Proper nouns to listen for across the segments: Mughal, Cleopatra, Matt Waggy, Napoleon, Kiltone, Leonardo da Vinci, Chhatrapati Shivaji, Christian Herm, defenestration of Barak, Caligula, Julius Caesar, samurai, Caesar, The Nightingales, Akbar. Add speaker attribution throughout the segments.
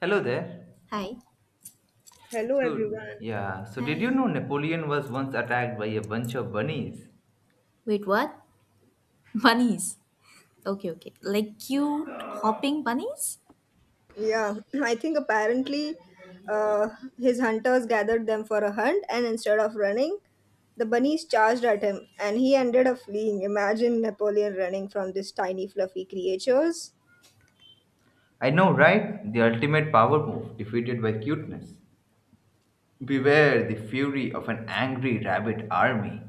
Speaker 1: Hello there.
Speaker 2: Hi.
Speaker 3: Hello,
Speaker 1: So,
Speaker 3: everyone.
Speaker 1: yeah, did you
Speaker 2: Hi.
Speaker 1: know Napoleon was once attacked by a bunch of bunnies?
Speaker 2: Wait, what? Bunnies. Okay, okay. Like cute hopping bunnies?
Speaker 3: Yeah, I think apparently uh, his hunters gathered them for a hunt, and instead of running, the bunnies charged at him, and he ended up fleeing. Imagine Napoleon running from these tiny, fluffy creatures.
Speaker 1: I know, right? The ultimate power move, defeated by cuteness. Beware the fury of an angry rabbit army.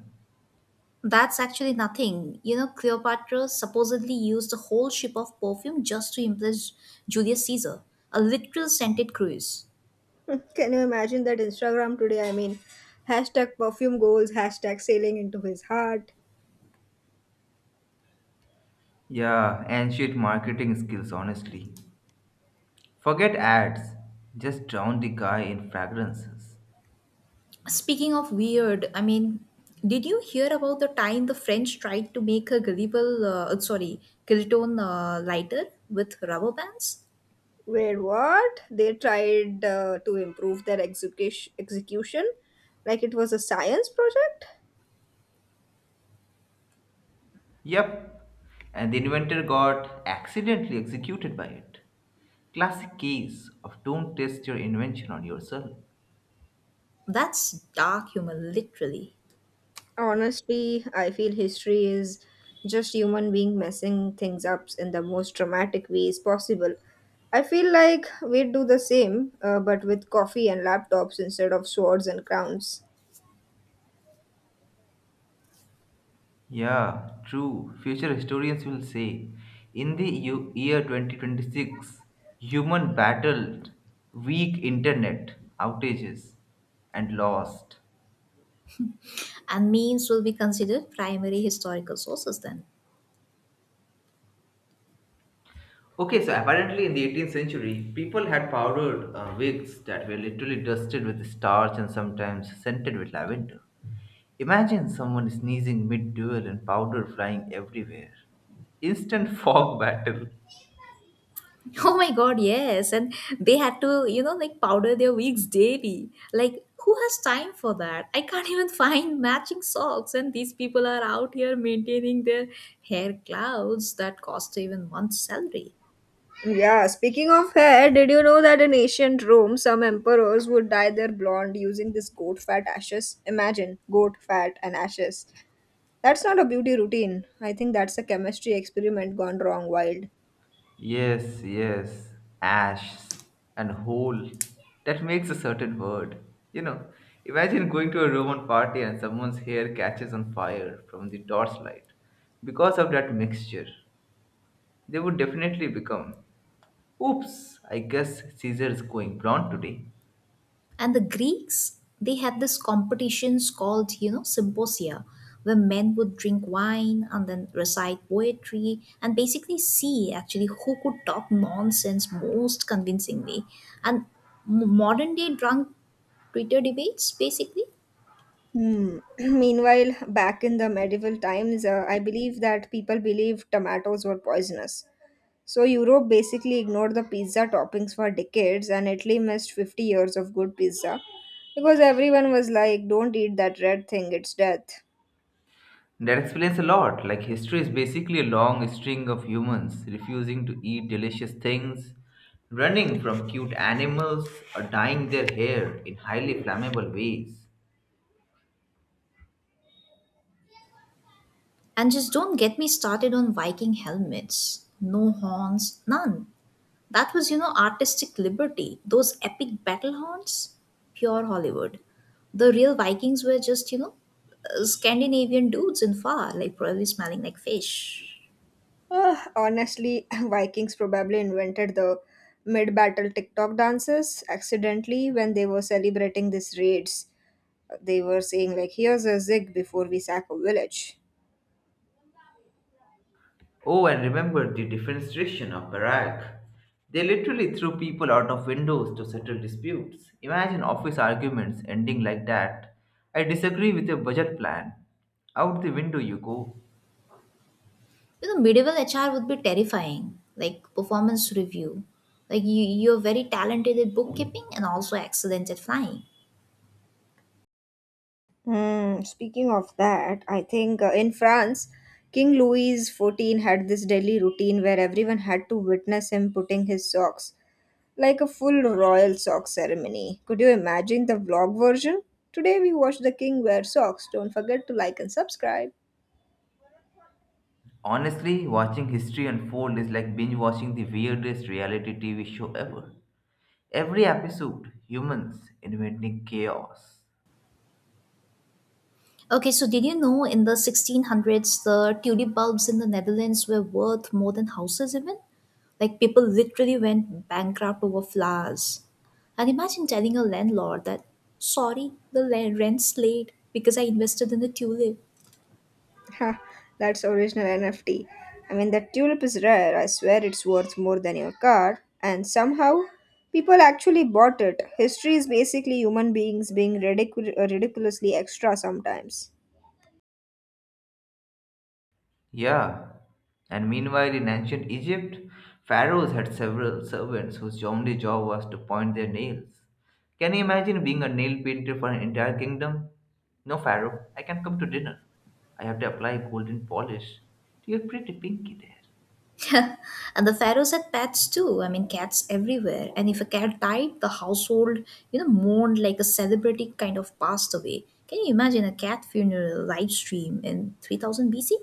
Speaker 2: That's actually nothing. You know, Cleopatra supposedly used a whole ship of perfume just to impress Julius Caesar. A literal scented cruise.
Speaker 3: Can you imagine that Instagram today? I mean, hashtag perfume goals, hashtag sailing into his heart.
Speaker 1: Yeah, ancient marketing skills, honestly. Forget ads, just drown the guy in fragrances.
Speaker 2: Speaking of weird, I mean, did you hear about the time the French tried to make a gullible, sorry, Kiltone lighter with rubber bands?
Speaker 3: Where what? They tried to improve their execution, like it was a science project.
Speaker 1: Yep, and the inventor got accidentally executed by it. Classic case of don't test your invention on yourself.
Speaker 2: That's dark humor, literally.
Speaker 3: Honestly, I feel history is just human being messing things up in the most dramatic ways possible. I feel like we'd do the same, but with coffee and laptops instead of swords and crowns.
Speaker 1: Yeah, true. Future historians will say, in the year 2026, human battled weak internet outages and lost.
Speaker 2: And memes will be considered primary historical sources then.
Speaker 1: Okay, so apparently in the 18th century, people had powdered wigs that were literally dusted with starch and sometimes scented with lavender. Imagine someone sneezing mid-duel and powder flying everywhere. Instant fog battle.
Speaker 2: Oh my god, yes. And they had to, like, powder their wigs daily. Like, who has time for that? I can't even find matching socks, and these people are out here maintaining their hair clouds that cost even one salary.
Speaker 3: Yeah, speaking of hair, did you know that in ancient Rome, some emperors would dye their blonde using this goat fat ashes? Imagine goat fat and ashes. That's not a beauty routine. I think that's a chemistry experiment gone wrong wild.
Speaker 1: Yes, yes, ashes and hole. That makes a certain word. You know, imagine going to a Roman party and someone's hair catches on fire from the torchlight. Because of that mixture, they would definitely become, oops, I guess Caesar is going blonde today.
Speaker 2: And the Greeks, they had these competitions called, symposia, where men would drink wine and then recite poetry and basically see actually who could talk nonsense most convincingly. And modern day drunk Twitter debates, basically.
Speaker 3: Hmm. Meanwhile, back in the medieval times, I believe that people believed tomatoes were poisonous. So Europe basically ignored the pizza toppings for decades, and Italy missed 50 years of good pizza because everyone was like, "Don't eat that red thing; it's death."
Speaker 1: That explains a lot. Like, history is basically a long string of humans refusing to eat delicious things, running from cute animals, or dyeing their hair in highly flammable ways.
Speaker 2: And just don't get me started on Viking helmets. No horns, none. That was, artistic liberty. Those epic battle horns, pure Hollywood. The real Vikings were just, Scandinavian dudes in fur, like probably smelling like fish.
Speaker 3: Ah, honestly, Vikings probably invented the mid-battle TikTok dances accidentally when they were celebrating these raids. They were saying like, "Here's a zig before we sack a village."
Speaker 1: Oh, and remember the defenestration of Barak. They literally threw people out of windows to settle disputes. Imagine office arguments ending like that. I disagree with your budget plan. Out the window you go.
Speaker 2: You know, medieval HR would be terrifying, like performance review. Like you're very talented at bookkeeping and also excellent at flying.
Speaker 3: Hmm, speaking of that, I think in France, King Louis XIV had this daily routine where everyone had to witness him putting his socks, like a full royal sock ceremony. Could you imagine the vlog version? Today we watched the king wear socks. Don't forget to like and subscribe.
Speaker 1: Honestly, watching history unfold is like binge watching the weirdest reality TV show ever. Every episode, humans inventing chaos.
Speaker 2: Okay, so did you know in the 1600s, the tulip bulbs in the Netherlands were worth more than houses, even? Like, people literally went bankrupt over flowers. And imagine telling a landlord that, sorry, the rent's late because I invested in a tulip.
Speaker 3: Ha, that's original NFT. I mean, that tulip is rare. I swear it's worth more than your car. And somehow, people actually bought it. History is basically human beings being ridiculously extra sometimes.
Speaker 1: Yeah, and meanwhile in ancient Egypt, pharaohs had several servants whose only job was to point their nails. Can you imagine being a nail painter for an entire kingdom? No, pharaoh, I can come to dinner. I have to apply golden polish to your pretty pinky there.
Speaker 2: And the pharaohs had pets too. I mean, cats everywhere. And if a cat died, the household, mourned like a celebrity kind of passed away. Can you imagine a cat funeral live stream in 3000 BC?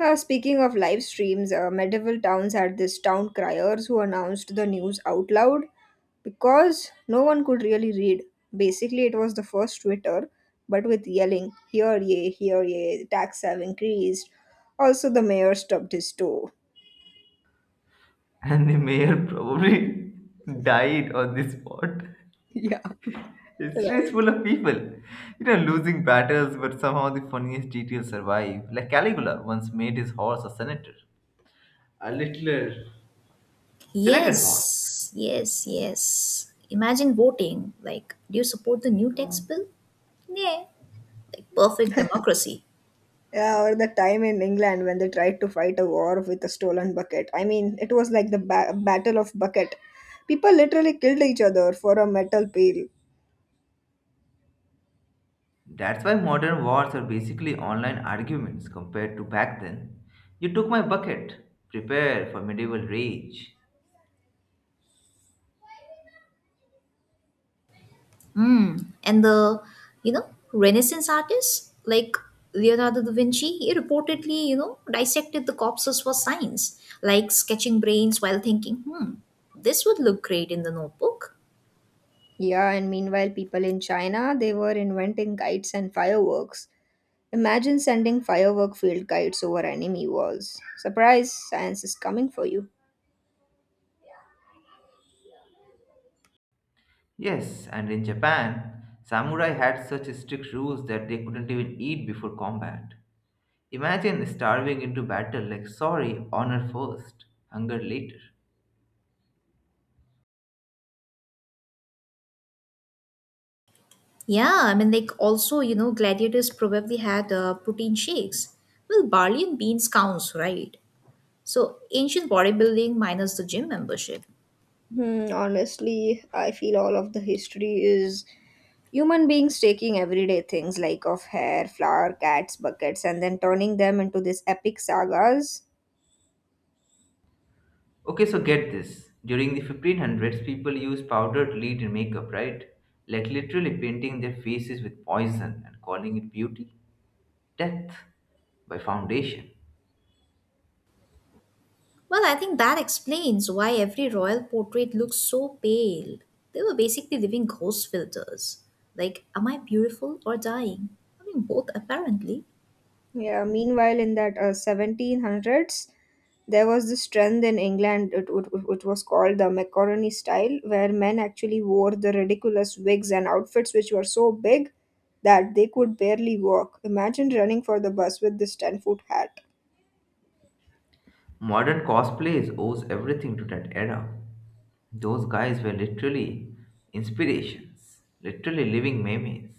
Speaker 3: Speaking of live streams, medieval towns had these town criers who announced the news out loud because no one could really read. Basically, it was the first Twitter, but with yelling, here ye, tax have increased. Also, the mayor stubbed his toe.
Speaker 1: And the mayor probably died on the spot.
Speaker 3: Yeah.
Speaker 1: History is
Speaker 3: Right.
Speaker 1: full of people, you know, losing battles, but somehow the funniest details survive. Like Caligula once made his horse a senator. A littler Senator Horse.
Speaker 2: Yes, yes, yes. Imagine voting. Like, do you support the new tax bill? Yeah, like perfect democracy.
Speaker 3: Yeah, or the time in England when they tried to fight a war with a stolen bucket. I mean, it was like the Battle of Bucket. People literally killed each other for a metal pail.
Speaker 1: That's why modern wars are basically online arguments compared to back then. You took my bucket. Prepare for medieval rage.
Speaker 2: Mm. And Renaissance artists like Leonardo da Vinci, he reportedly, dissected the corpses for science, like sketching brains while thinking, hmm, this would look great in the notebook.
Speaker 3: Yeah, and meanwhile, people in China, they were inventing kites and fireworks. Imagine sending firework field kites over enemy walls. Surprise, science is coming for you.
Speaker 1: Yes, and in Japan, samurai had such strict rules that they couldn't even eat before combat. Imagine starving into battle like sorry, honor first, hunger later.
Speaker 2: Yeah, I mean, like also, gladiators probably had protein shakes. Well, barley and beans counts, right? So, ancient bodybuilding minus the gym membership.
Speaker 3: Hmm, honestly, I feel all of the history is human beings taking everyday things like of hair, flower, cats, buckets, and then turning them into these epic sagas.
Speaker 1: Okay, so get this. During the 1500s, people used powdered lead in makeup, right? Like literally painting their faces with poison and calling it beauty. Death by foundation.
Speaker 2: Well, I think that explains why every royal portrait looks so pale. They were basically living ghost filters. Like, am I beautiful or dying? I mean, both apparently.
Speaker 3: Yeah, meanwhile, in that 1700s, there was this trend in England, it was called the macaroni style, where men actually wore the ridiculous wigs and outfits which were so big that they could barely walk. Imagine running for the bus with this 10-foot hat.
Speaker 1: Modern cosplays owes everything to that era. Those guys were literally inspirations, literally living memes.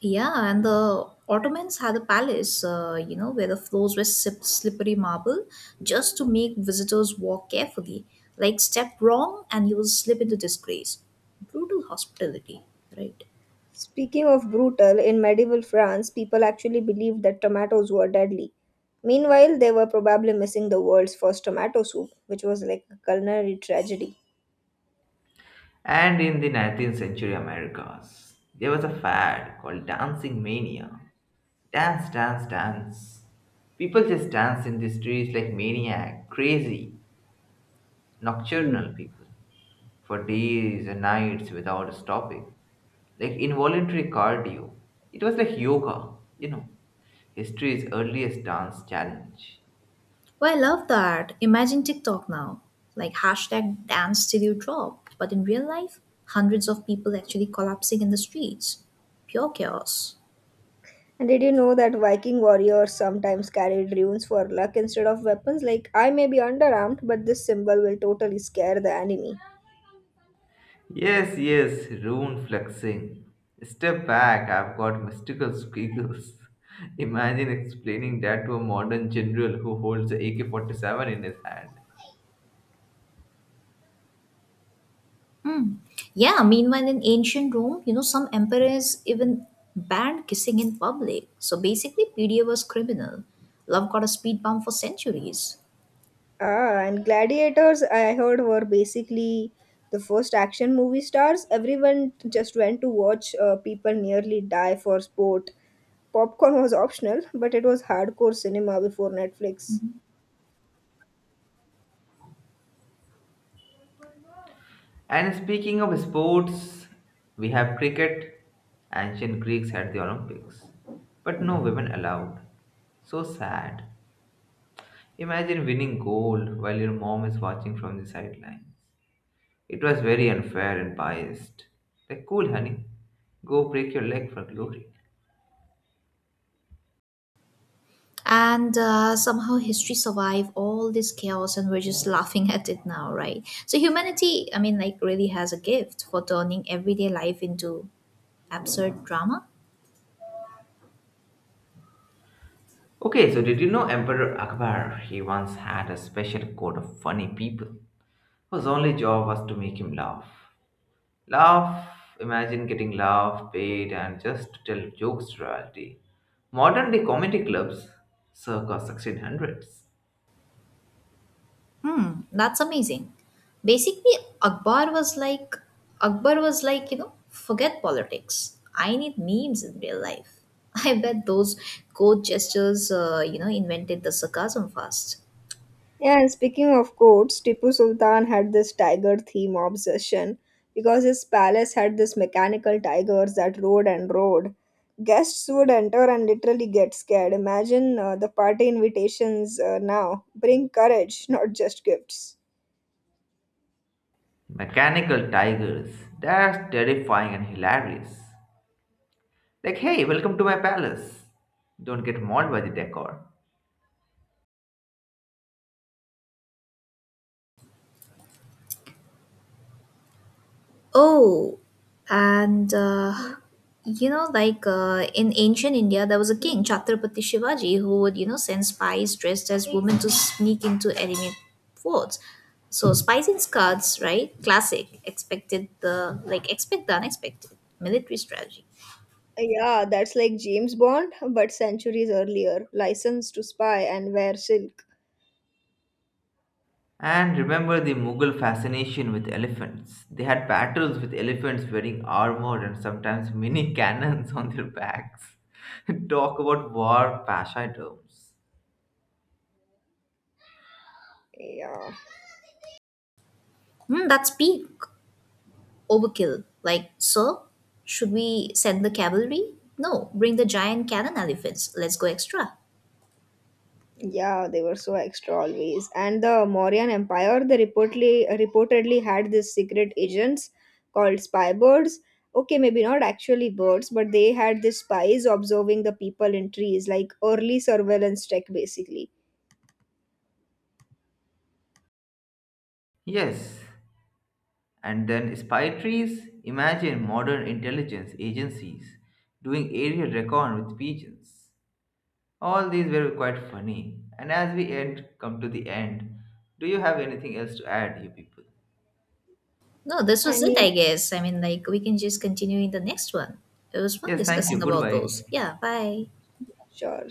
Speaker 2: Yeah, and the Ottomans had a palace, where the floors were slippery marble just to make visitors walk carefully. Like, step wrong and you will slip into disgrace. Brutal hospitality, right?
Speaker 3: Speaking of brutal, in medieval France, people actually believed that tomatoes were deadly. Meanwhile, they were probably missing the world's first tomato soup, which was like a culinary tragedy.
Speaker 1: And in the 19th century Americas, there was a fad called dancing mania. Dance, dance, dance. People just dance in the streets like maniac, crazy,
Speaker 3: Hmm.
Speaker 1: nocturnal people for days and nights without stopping, like involuntary cardio. It was like yoga, you know. History's earliest dance challenge.
Speaker 2: Well, I love that. Imagine TikTok now. Like hashtag dance till you drop. But in real life, hundreds of people actually collapsing in the streets. Pure chaos.
Speaker 3: And did you know that Viking warriors sometimes carried runes for luck instead of weapons? Like, I may be underarmed, but this symbol will totally scare the enemy.
Speaker 1: Yes, yes, rune flexing. Step back, I've got mystical squiggles. Imagine explaining that to a modern general who holds a AK 47 in his hand.
Speaker 2: Hmm. Yeah, meanwhile in ancient Rome, some emperors even banned kissing in public. So basically, PDA was criminal. Love got a speed bump for centuries.
Speaker 3: Ah, and gladiators, I heard, were basically the first action movie stars. Everyone just went to watch people nearly die for sport. Popcorn was optional, but it was hardcore cinema before Netflix.
Speaker 1: And speaking of sports, we have cricket. Ancient Greeks had the Olympics, but no women allowed. So sad. Imagine winning gold while your mom is watching from the sideline. It was very unfair and biased. Like, cool, honey. Go break your leg for glory.
Speaker 2: And somehow history survived all this chaos, and we're just laughing at it now, right? So humanity, I mean, like, really has a gift for turning everyday life into absurd drama.
Speaker 1: Okay, so did you know Emperor Akbar? He once had a special court of funny people whose only job was to make him laugh. Laugh, imagine getting laugh paid and just to tell jokes to royalty. Modern day comedy clubs, circa 1600s.
Speaker 2: Hmm, that's amazing. Basically akbar was like akbar was like forget politics, I need memes in real life. I bet those code gestures you know, invented the sarcasm fast.
Speaker 3: Yeah, and speaking of courts, Tipu Sultan had this tiger theme obsession because his palace had this mechanical tigers that rode and rode. Guests would enter and literally get scared. Imagine the party invitations now. Bring courage, not just gifts.
Speaker 1: Mechanical tigers, that's terrifying and hilarious. Like, hey, welcome to my palace. Don't get mauled by the decor.
Speaker 2: Oh, and in ancient India, there was a king, Chhatrapati Shivaji, who would, send spies dressed as women to sneak into enemy forts. So spies in skirts, right? Classic. Expect the unexpected. Military strategy.
Speaker 3: Yeah, that's like James Bond, but centuries earlier. License to spy and wear silk.
Speaker 1: And remember the Mughal fascination with elephants. They had battles with elephants wearing armor and sometimes mini cannons on their backs. Talk about war pasha terms.
Speaker 3: Yeah.
Speaker 2: Hmm, that's peak overkill. Like, sir, should we send the cavalry? No, bring the giant cannon elephants. Let's go extra.
Speaker 3: Yeah, they were so extra always. And the Mauryan Empire, they reportedly had these secret agents called spy birds. Okay, maybe not actually birds, but they had these spies observing the people in trees, like early surveillance tech, basically.
Speaker 1: Yes, and then spy trees? Imagine modern intelligence agencies doing aerial recon with pigeons. All these were quite funny. And as we end, come to the end. Do you have anything else to add, you people?
Speaker 2: No, this
Speaker 3: I
Speaker 2: was it,
Speaker 3: mean,
Speaker 2: I guess. I mean, like, we can just continue in the next one. It was fun
Speaker 1: Yes, thank you.
Speaker 2: discussing about those.
Speaker 1: Goodbye.
Speaker 2: Yeah, bye.
Speaker 3: sure.